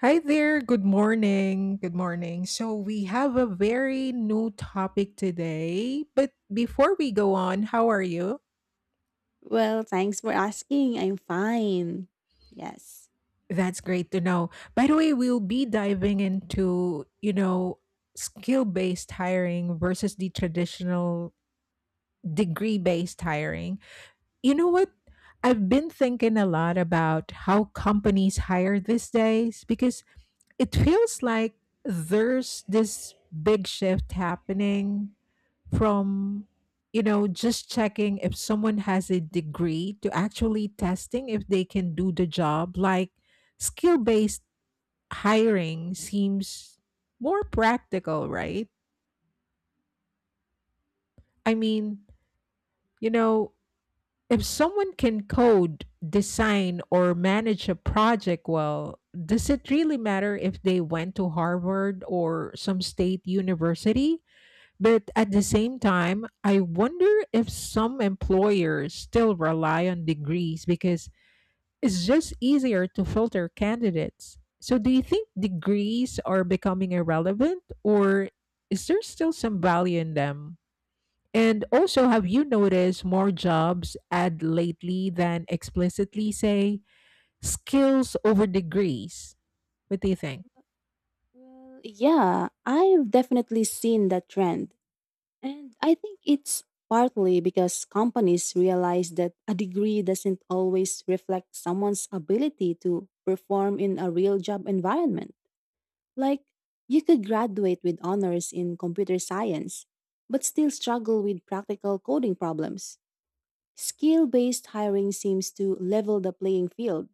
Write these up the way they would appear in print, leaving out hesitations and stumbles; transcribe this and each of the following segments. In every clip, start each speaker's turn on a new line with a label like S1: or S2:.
S1: Hi there. Good morning. Good morning. So, we have a very new topic today. But before we go on, how are you?
S2: Well, thanks for asking. I'm fine. Yes.
S1: That's great to know. By the way, we'll be diving into, skill based hiring versus the traditional degree based hiring. You know what? I've been thinking a lot about how companies hire these days because it feels like there's this big shift happening from just checking if someone has a degree to actually testing if they can do the job, like skill based hiring seems more practical, right? i mean you know if someone can code, design, or manage a project well, does it really matter if they went to Harvard or some state university? But at the same time, I wonder if some employers still rely on degrees because it's just easier to filter candidates. So, do you think degrees are becoming irrelevant or is there still some value in them? And also, have you noticed more jobs add lately than explicitly say skills over degrees? What do you think?
S2: Well, yeah, I've definitely seen that trend. And I think it's partly because companies realize that a degree doesn't always reflect someone's ability to perform in a real job environment. Like, you could graduate with honors in computer science, but still struggle with practical coding problems. Skill based hiring seems to level the playing field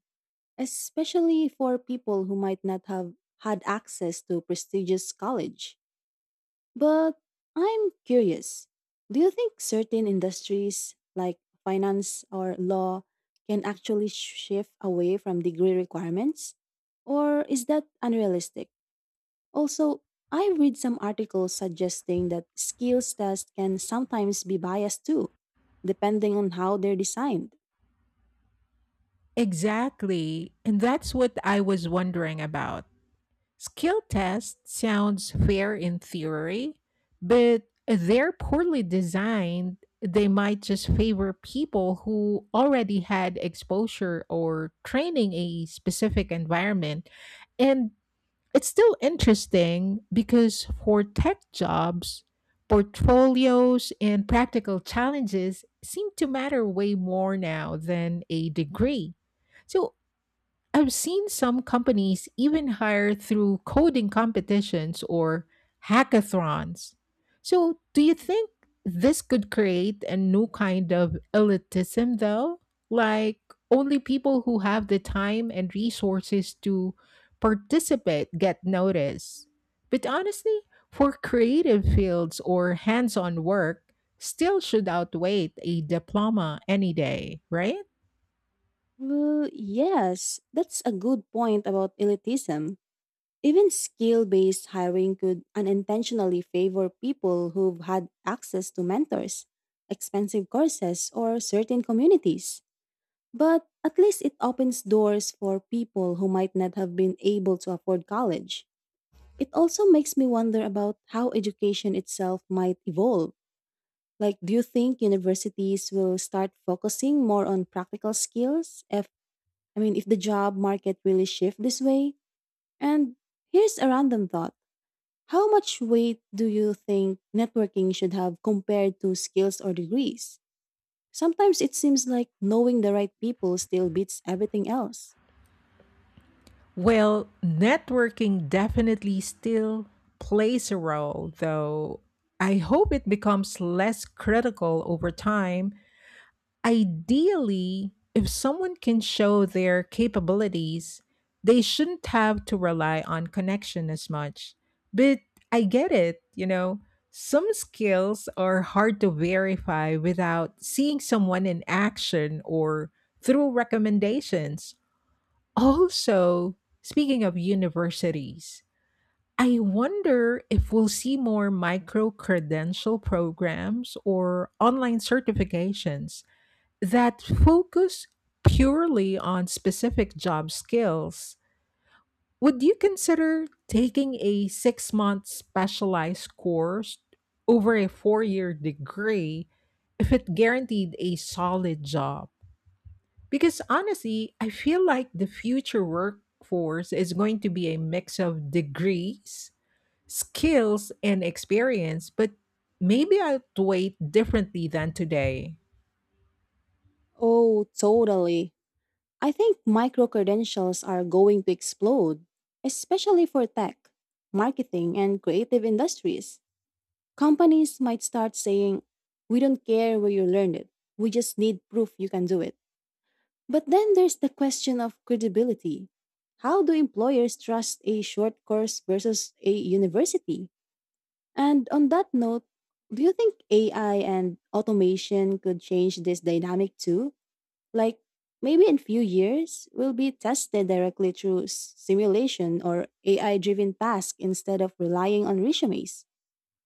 S2: especially for people who might not have had access to prestigious college. But I'm curious, do you think certain industries like finance or law can actually shift away from degree requirements? Or is that unrealistic? Also, I read some articles suggesting that skills tests can sometimes be biased too, depending on how they're designed.
S1: Exactly. And that's what I was wondering about. Skill test sounds fair in theory, but they're poorly designed. They might just favor people who already had exposure or training a specific environment. And it's still interesting because for tech jobs, portfolios and practical challenges seem to matter way more now than a degree. So, I've seen some companies even hire through coding competitions or hackathons. So, do you think this could create a new kind of elitism, though? Like, only people who have the time and resources to participate get noticed. But honestly, for creative fields or hands on work, still should outweigh a diploma any day, right?
S2: Well, yes, that's a good point about elitism. Even skill based hiring could unintentionally favor people who've had access to mentors, expensive courses, or certain communities. But at least it opens doors for people who might not have been able to afford college. It also makes me wonder about how education itself might evolve. Like, do you think universities will start focusing more on practical skills if, I mean, if the job market really shifts this way? And here's a random thought. How much weight do you think networking should have compared to skills or degrees? Sometimes it seems like knowing the right people still beats everything else.
S1: Well, networking definitely still plays a role, though I hope it becomes less critical over time. Ideally, if someone can show their capabilities, they shouldn't have to rely on connection as much. But I get it, some skills are hard to verify without seeing someone in action or through recommendations. Also, speaking of universities, I wonder if we'll see more micro credential programs or online certifications that focus purely on specific job skills. Would you consider taking a 6 month specialized course over a 4 year degree if it guaranteed a solid job? Because honestly, I feel like the future workforce is going to be a mix of degrees, skills, and experience, but maybe outweighed differently than today.
S2: Oh, totally. I think micro credentials are going to explode, especially for tech, marketing, and creative industries. Companies might start saying, we don't care where you learned it, we just need proof you can do it. But then there's the question of credibility. How do employers trust a short course versus a university? And on that note, do you think AI and automation could change this dynamic too? Like, maybe in few years we will be tested directly through simulation or AI driven tasks instead of relying on resumes.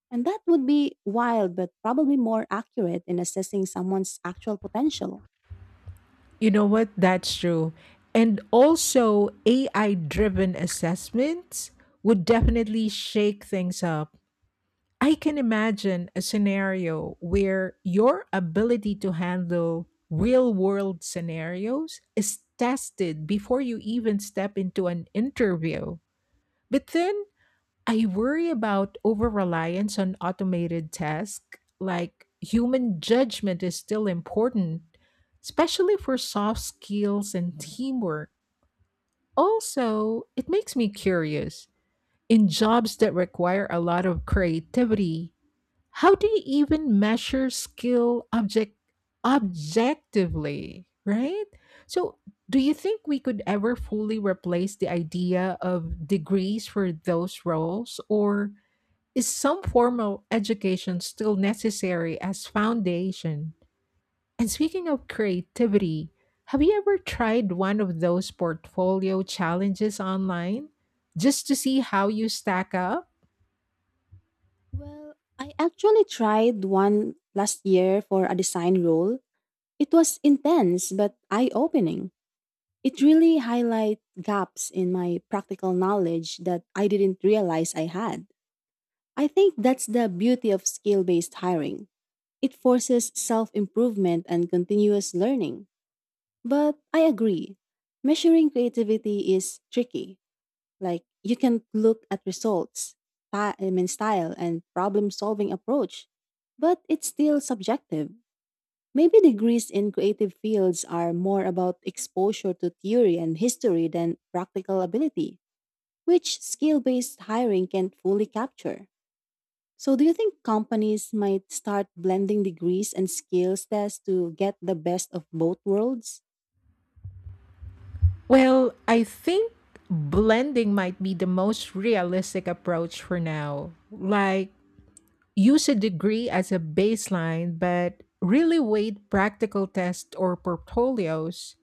S2: And that would be wild but probably more accurate in assessing someone's actual potential.
S1: You know what? That's true. And also, AI driven assessments would definitely shake things up. I can imagine a scenario where your ability to handle real world scenarios is tested before you even step into an interview. But then I worry about over reliance on automated tasks, like human judgment is still important, especially for soft skills and teamwork. Also, it makes me curious. In jobs that require a lot of creativity, how do you even measure skill objectively, right? So, do you think we could ever fully replace the idea of degrees for those roles or is some formal education still necessary as foundation? And speaking of creativity, have you ever tried one of those portfolio challenges online just to see how you stack up?
S2: Well, I actually tried one last year for a design role. It was intense but eye opening. It really highlighted gaps in my practical knowledge that I didn't realize I had. I think that's the beauty of skill based hiring. It forces self improvement and continuous learning. But I agree, measuring creativity is tricky. Like, you can look at results, I mean style and problem solving approach, but it's still subjective. Maybe degrees in creative fields are more about exposure to theory and history than practical ability, which skill based hiring can't fully capture. So, do you think companies might start blending degrees and skills tests to get the best of both worlds?
S1: Well, I think blending might be the most realistic approach for now. Like, use a degree as a baseline, but really weight practical tests or portfolios.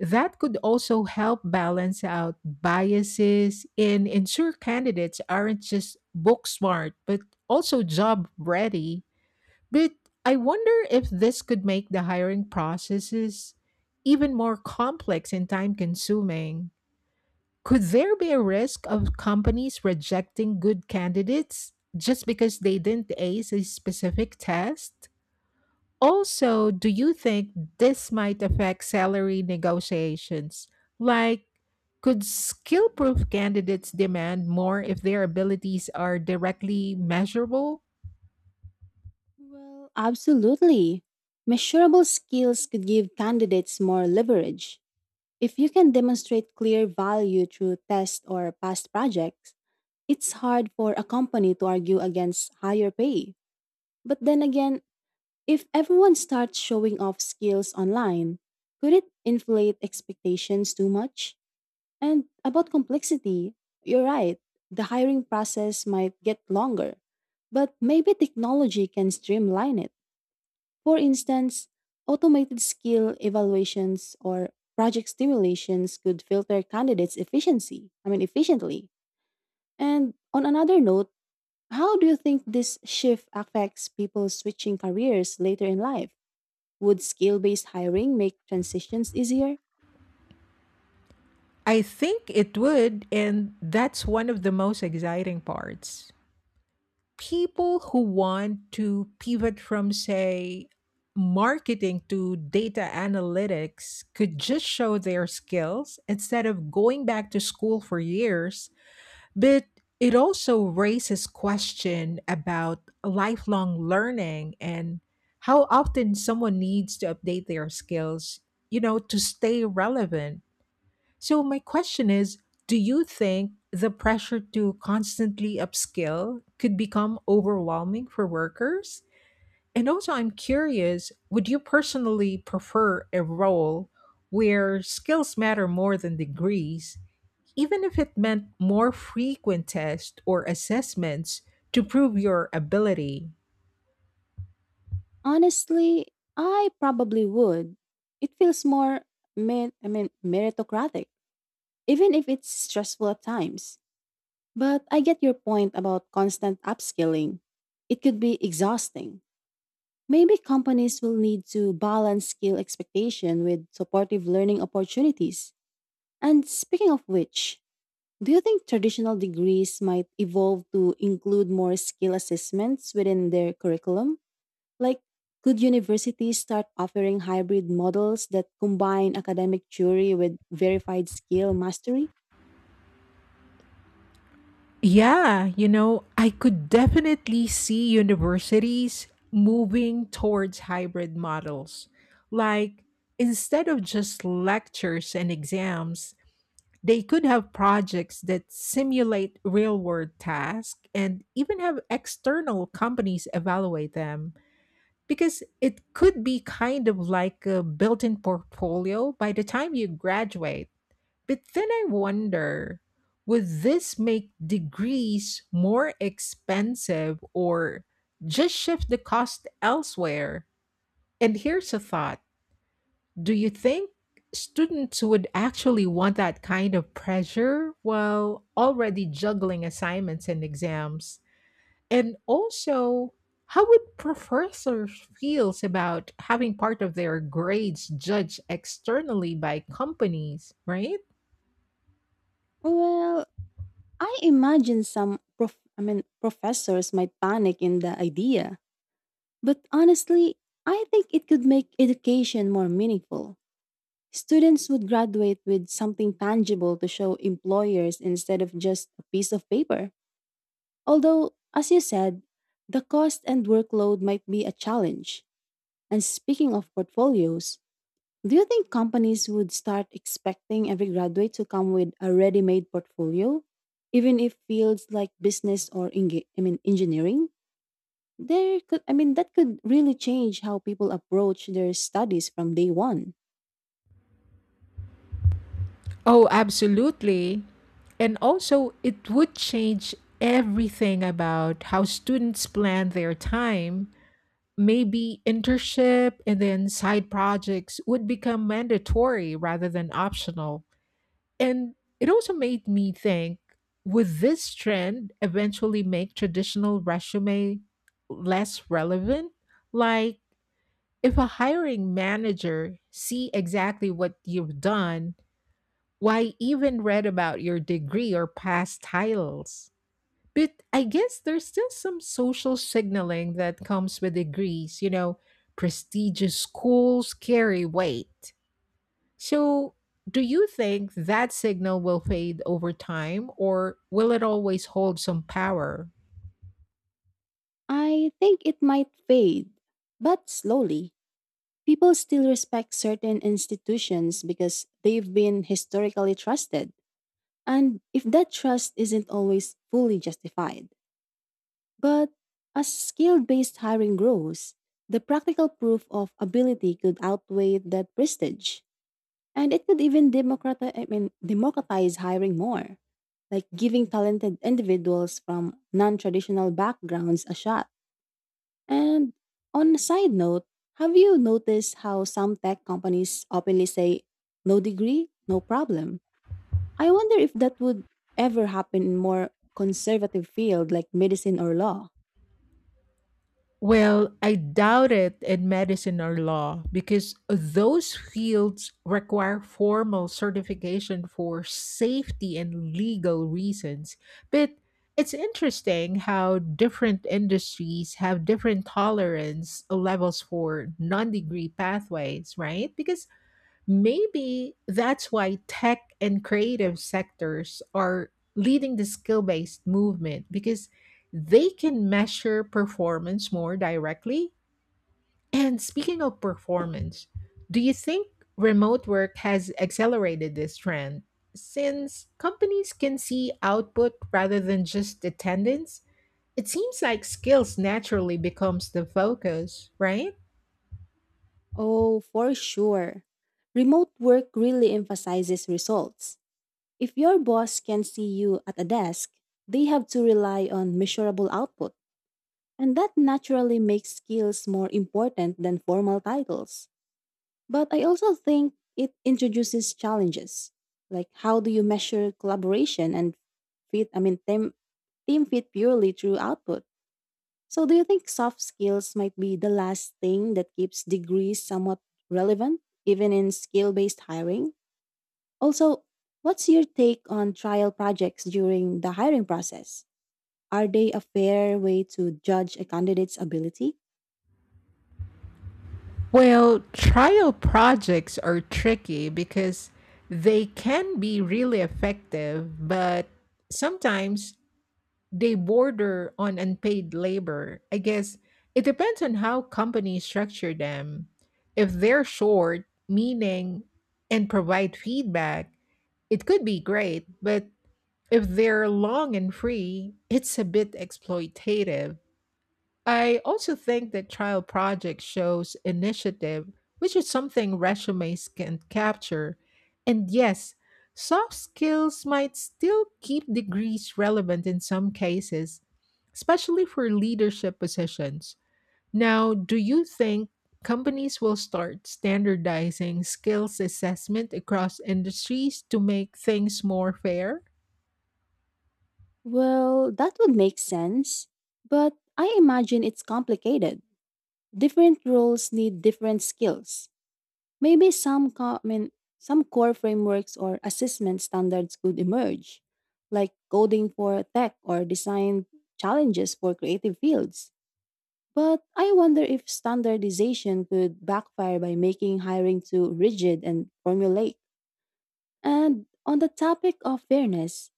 S1: That could also help balance out biases and ensure candidates aren't just book smart, but also job ready. But I wonder if this could make the hiring processes even more complex and time consuming. Could there be a risk of companies rejecting good candidates just because they didn't ace a specific test? Also, do you think this might affect salary negotiations? Like, could skill proof candidates demand more if their abilities are directly measurable?
S2: Well, absolutely. Measurable skills could give candidates more leverage. If you can demonstrate clear value through test or past projects, it's hard for a company to argue against higher pay. But then again, if everyone starts showing off skills online, could it inflate expectations too much? And about complexity, you're right, the hiring process might get longer, but maybe technology can streamline it. For instance, automated skill evaluations or project stimulations could filter candidates I mean efficiently. And on another note, how do you think this shift affects people switching careers later in life? Would skill-based hiring make transitions easier?
S1: I think it would, and that's one of the most exciting parts. People who want to pivot from, say, marketing to data analytics could just show their skills instead of going back to school for years. But it also raises question about lifelong learning and how often someone needs to update their skills, to stay relevant. So my question is, do you think the pressure to constantly upskill could become overwhelming for workers? And also I'm curious, would you personally prefer a role where skills matter more than degrees, even if it meant more frequent tests or assessments to prove your ability?
S2: Honestly, I probably would. It feels more I mean meritocratic, even if it's stressful at times. But I get your point about constant upskilling. It could be exhausting. Maybe companies will need to balance skill expectation with supportive learning opportunities. And speaking of which, do you think traditional degrees might evolve to include more skill assessments within their curriculum? Like, could universities start offering hybrid models that combine academic theory with verified skill mastery?
S1: Yeah, I could definitely see universities moving towards hybrid models. Like, instead of just lectures and exams, they could have projects that simulate real world tasks and even have external companies evaluate them. Because it could be kind of like a built in portfolio by the time you graduate. But then I wonder, would this make degrees more expensive or just shift the cost elsewhere? And here's a thought. Do you think students would actually want that kind of pressure while already juggling assignments and exams? And also, how would professors feel about having part of their grades judged externally by companies, right?
S2: Well, I imagine some I mean professors might panic in the idea, but honestly, I think it could make education more meaningful. Students would graduate with something tangible to show employers instead of just a piece of paper. Although, as you said, the cost and workload might be a challenge. And speaking of portfolios, do you think companies would start expecting every graduate to come with a ready-made portfolio, even if fields like business or I mean engineering? There could I mean that could really change how people approach their studies from day one.
S1: Oh, absolutely. And also, it would change everything about how students plan their time. Maybe internship and then side projects would become mandatory rather than optional. And it also made me think, would this trend eventually make traditional resume less relevant? Like, if a hiring manager see exactly what you've done, why even read about your degree or past titles? But I guess there's still some social signaling that comes with degrees. Prestigious schools carry weight. So, do you think that signal will fade over time or will it always hold some power?
S2: I think it might fade, but slowly. People still respect certain institutions because they've been historically trusted, and if that trust isn't always fully justified. But as skill based hiring grows, the practical proof of ability could outweigh that prestige. And it could even democratize hiring more, like giving talented individuals from non traditional backgrounds a shot. And on a side note, have you noticed how some tech companies openly say, no degree, no problem? I wonder if that would ever happen in more conservative field like medicine or law.
S1: Well, I doubt it in medicine or law because those fields require formal certification for safety and legal reasons. But it's interesting how different industries have different tolerance levels for non degree pathways, right? Because maybe that's why tech and creative sectors are leading the skill based movement because they can measure performance more directly. And speaking of performance, do you think remote work has accelerated this trend? Since companies can see output rather than just attendance, it seems like skills naturally becomes the focus, right?
S2: Oh, for sure. Remote work really emphasizes results. If your boss can see you at a desk, they have to rely on measurable output, and that naturally makes skills more important than formal titles. But I also think it introduces challenges, like how do you measure collaboration and fit, I mean, team, team fit purely through output? So, do you think soft skills might be the last thing that keeps degrees somewhat relevant, even in skill based hiring? Also, what's your take on trial projects during the hiring process? Are they a fair way to judge a candidate's ability?
S1: Well, trial projects are tricky because they can be really effective, but sometimes they border on unpaid labor. I guess it depends on how companies structure them. If they're short, meaning, and provide feedback, it could be great, but if they're long and free, it's a bit exploitative. I also think that trial project shows initiative, which is something resumes can capture. And yes, soft skills might still keep degrees relevant in some cases, especially for leadership positions. Now, do you think companies will start standardizing skills assessment across industries to make things more fair?
S2: Well, that would make sense, but I imagine it's complicated. Different roles need different skills. Maybe some core frameworks or assessment standards could emerge, like coding for tech or design challenges for creative fields. But I wonder if standardization could backfire by making hiring too rigid and formulaic. And on the topic of fairness,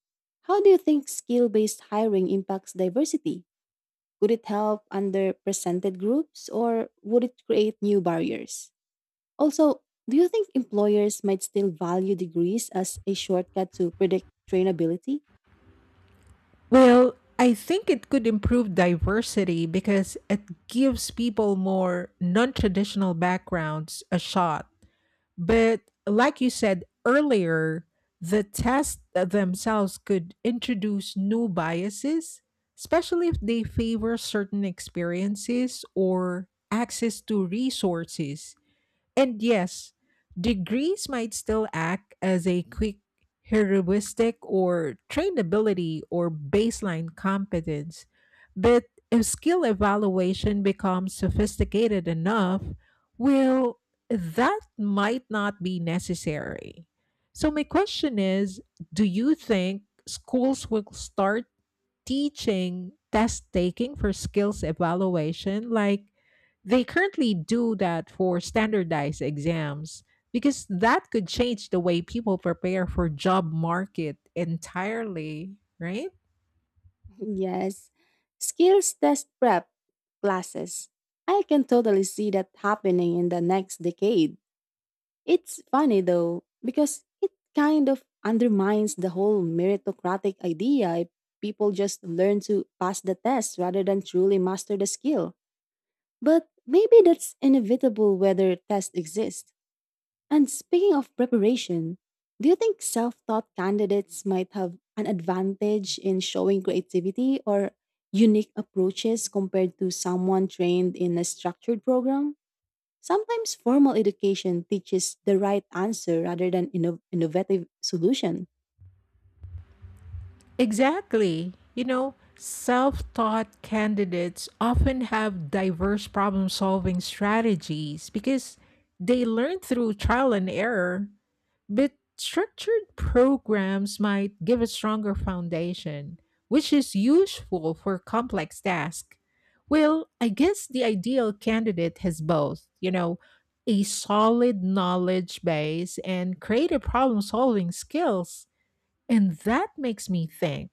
S2: how do you think skill based hiring impacts diversity? Could it help underrepresented groups or would it create new barriers? Also, do you think employers might still value degrees as a shortcut to predict trainability?
S1: Well, I think it could improve diversity because it gives people more non traditional backgrounds a shot. But like you said earlier, the tests themselves could introduce new biases, especially if they favor certain experiences or access to resources. And yes, degrees might still act as a quick heuristic or trainability or baseline competence, but if skill evaluation becomes sophisticated enough, well, that might not be necessary. So, my question is, do you think schools will start teaching test taking for skills evaluation like they currently do that for standardized exams, because that could change the way people prepare for job market entirely, right?
S2: Yes. Skills test prep classes. I can totally see that happening in the next decade. It's funny though, because it kind of undermines the whole meritocratic idea if people just learn to pass the test rather than truly master the skill. But maybe that's inevitable whether tests exist. And speaking of preparation, do you think self taught candidates might have an advantage in showing creativity or unique approaches compared to someone trained in a structured program? Sometimes formal education teaches the right answer rather than innovative solution.
S1: Exactly. Self-taught candidates often have diverse problem-solving strategies because they learn through trial and error. But structured programs might give a stronger foundation, which is useful for complex tasks. Well, I guess the ideal candidate has both, a solid knowledge base and creative problem solving skills. And that makes me think,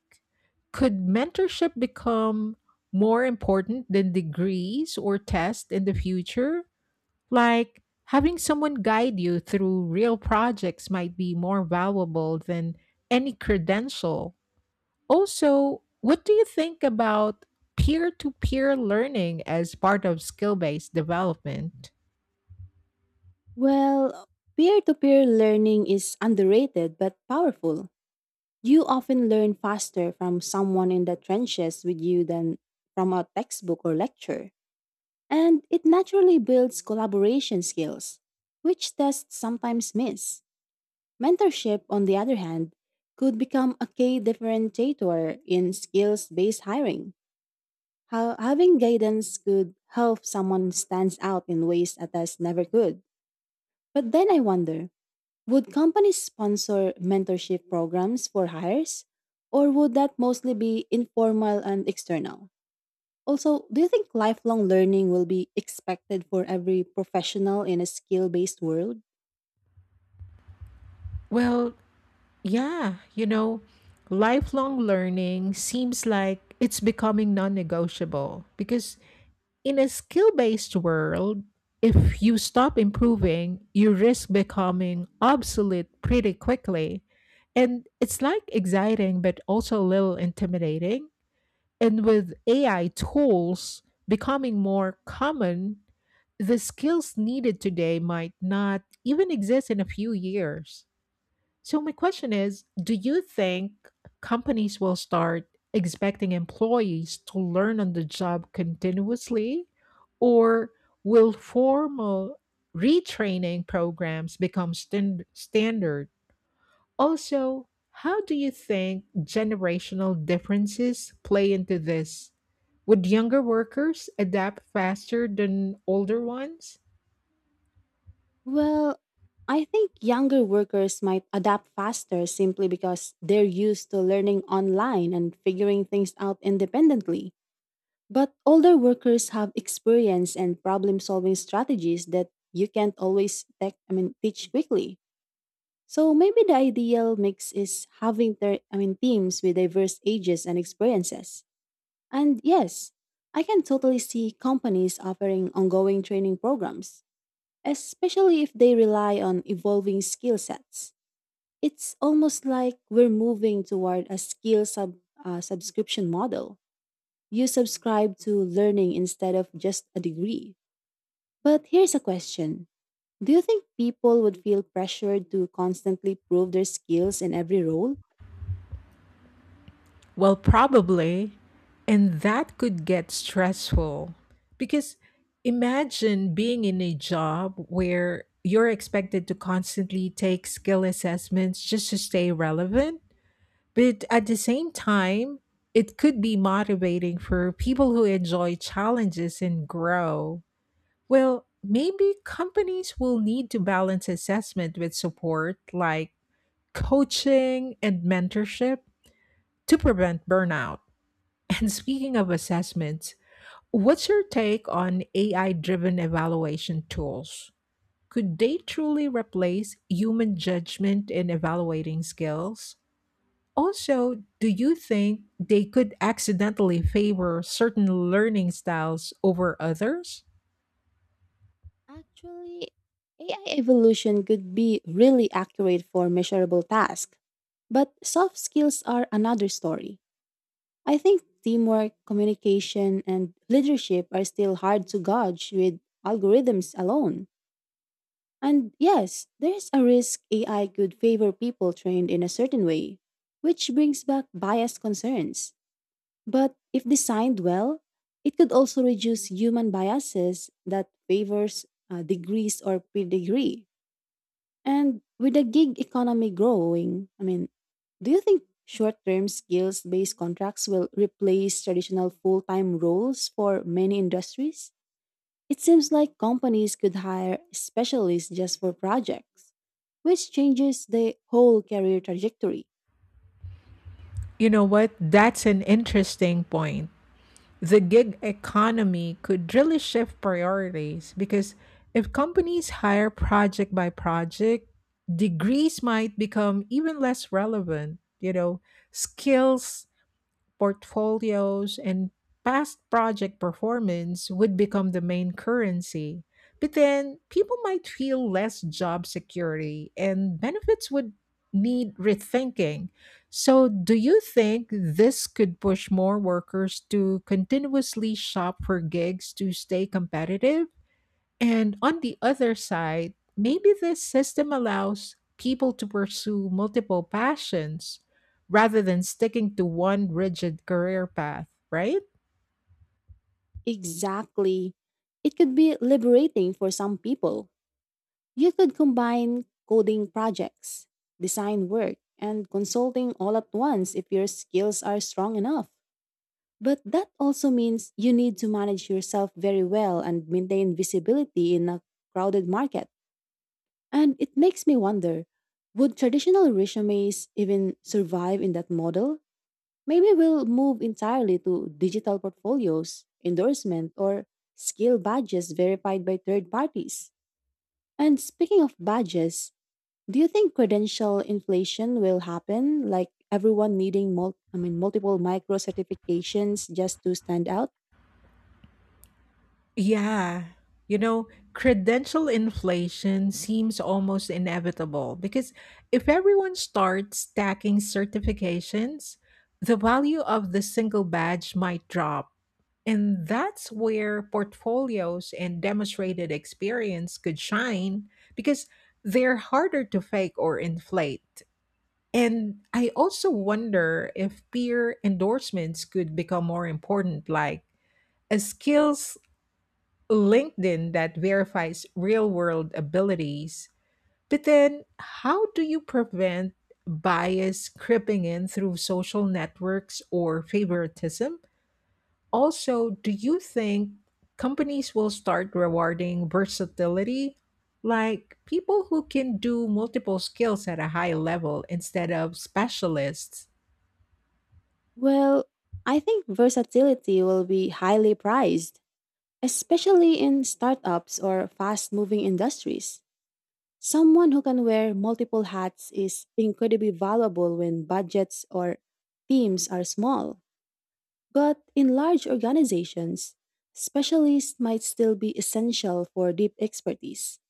S1: could mentorship become more important than degrees or tests in the future? Like, having someone guide you through real projects might be more valuable than any credential. Also, what do you think about peer to peer learning as part of skill based development?
S2: Well, peer to peer learning is underrated but powerful. You often learn faster from someone in the trenches with you than from a textbook or lecture. And it naturally builds collaboration skills, which tests sometimes miss. Mentorship, on the other hand, could become a key differentiator in skills based hiring. How having guidance could help someone stands out in ways others never could. But then I wonder, would companies sponsor mentorship programs for hires, or would that mostly be informal and external? Also, do you think lifelong learning will be expected for every professional in a skill based world?
S1: Well, Yeah, lifelong learning seems like it's becoming non negotiable because in a skill based world, if you stop improving, you risk becoming obsolete pretty quickly. And it's like exciting, but also a little intimidating. And with AI tools becoming more common, the skills needed today might not even exist in a few years. So, my question is, do you think companies will start expecting employees to learn on the job continuously, or will formal retraining programs become standard? Also, how do you think generational differences play into this? Would younger workers adapt faster than older ones?
S2: Well, I think younger workers might adapt faster simply because they're used to learning online and figuring things out independently. But older workers have experience and problem solving strategies that you can't always teach quickly. So maybe the ideal mix is having teams with diverse ages and experiences. And yes, I can totally see companies offering ongoing training programs, especially if they rely on evolving skill sets. It's almost like we're moving toward a subscription model. You subscribe to learning instead of just a degree. But here's a question. Do you think people would feel pressured to constantly prove their skills in every role?
S1: Well, probably. And that could get stressful because imagine being in a job where you're expected to constantly take skill assessments just to stay relevant. But at the same time, it could be motivating for people who enjoy challenges and grow. Well, maybe companies will need to balance assessment with support like coaching and mentorship to prevent burnout. And speaking of assessments, what's your take on AI driven evaluation tools? Could they truly replace human judgment in evaluating skills? Also, do you think they could accidentally favor certain learning styles over others?
S2: Actually, AI evolution could be really accurate for measurable tasks. But soft skills are another story. I think teamwork, communication, and leadership are still hard to gauge with algorithms alone. And yes, there's a risk AI could favor people trained in a certain way, which brings back bias concerns. But if designed well, it could also reduce human biases that favors degrees or pedigree. And with the gig economy growing, I mean, do you think short-term skills-based contracts will replace traditional full-time roles for many industries? It seems like companies could hire specialists just for projects, which changes the whole career trajectory.
S1: You know what? That's an interesting point. The gig economy could really shift priorities because if companies hire project by project, degrees might become even less relevant. Skills, portfolios, and past project performance would become the main currency. But then people might feel less job security and benefits would need rethinking. So, do you think this could push more workers to continuously shop for gigs to stay competitive? And on the other side, maybe this system allows people to pursue multiple passions rather than sticking to one rigid career path, right?
S2: Exactly. It could be liberating for some people. You could combine coding projects, design work, and consulting all at once if your skills are strong enough. But that also means you need to manage yourself very well and maintain visibility in a crowded market. And it makes me wonder, would traditional resumes even survive in that model? Maybe we'll move entirely to digital portfolios, endorsement, or skill badges verified by third parties. And speaking of badges, do you think credential inflation will happen, like everyone needing I mean multiple micro certifications just to stand out?
S1: Yeah. You know, Credential inflation seems almost inevitable because if everyone starts stacking certifications, the value of the single badge might drop. And that's where portfolios and demonstrated experience could shine because they're harder to fake or inflate. And I also wonder if peer endorsements could become more important, like a skills LinkedIn that verifies real world abilities. But then, how do you prevent bias creeping in through social networks or favoritism? Also, do you think companies will start rewarding versatility? Like people who can do multiple skills at a high level instead of specialists?
S2: Well, I think versatility will be highly prized, especially in startups or fast-moving industries. Someone who can wear multiple hats is incredibly valuable when budgets or teams are small. But in large organizations, specialists might still be essential for deep expertise.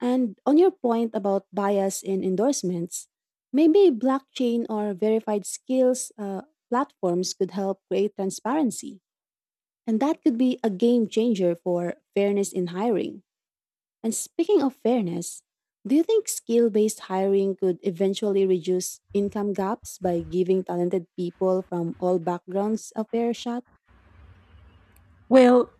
S2: And on your point about bias in endorsements, maybe blockchain or verified skills platforms could help create transparency. And that could be a game changer for fairness in hiring. And speaking of fairness, do you think skill based hiring could eventually reduce income gaps by giving talented people from all backgrounds a fair shot?
S1: Well,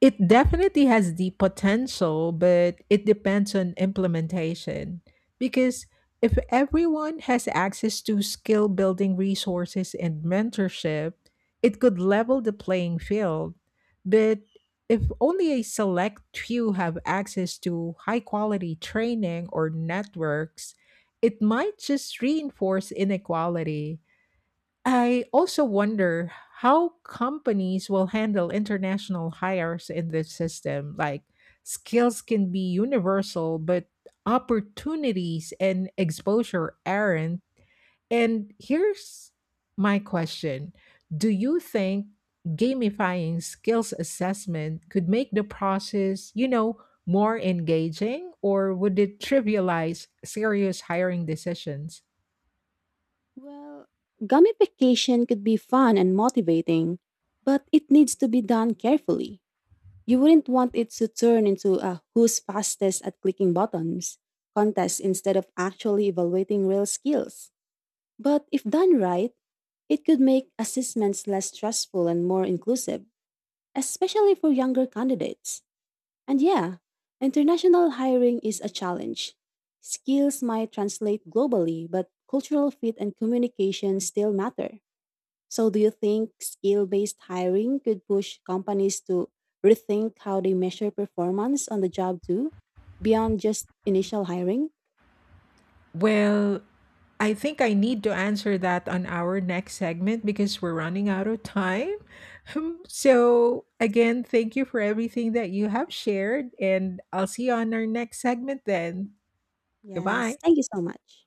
S1: it definitely has the potential, but it depends on implementation. Because if everyone has access to skill building resources and mentorship, it could level the playing field. But if only a select few have access to high quality training or networks, it might just reinforce inequality. I also wonder how companies will handle international hires in this system. Like, skills can be universal, but opportunities and exposure aren't. And here's my question, do you think gamifying skills assessment could make the process, more engaging, or would it trivialize serious hiring decisions?
S2: Well, gamification could be fun and motivating, but it needs to be done carefully. You wouldn't want it to turn into a who's fastest at clicking buttons contest instead of actually evaluating real skills. But if done right, it could make assessments less stressful and more inclusive, especially for younger candidates. And yeah, international hiring is a challenge. Skills might translate globally, but cultural fit and communication still matter. So, do you think skill based hiring could push companies to rethink how they measure performance on the job too, beyond just initial hiring?
S1: Well, I think I need to answer that on our next segment because we're running out of time. So, again, thank you for everything that you have shared, and I'll see you on our next segment then.
S2: Yes.
S1: Goodbye.
S2: Thank you so much.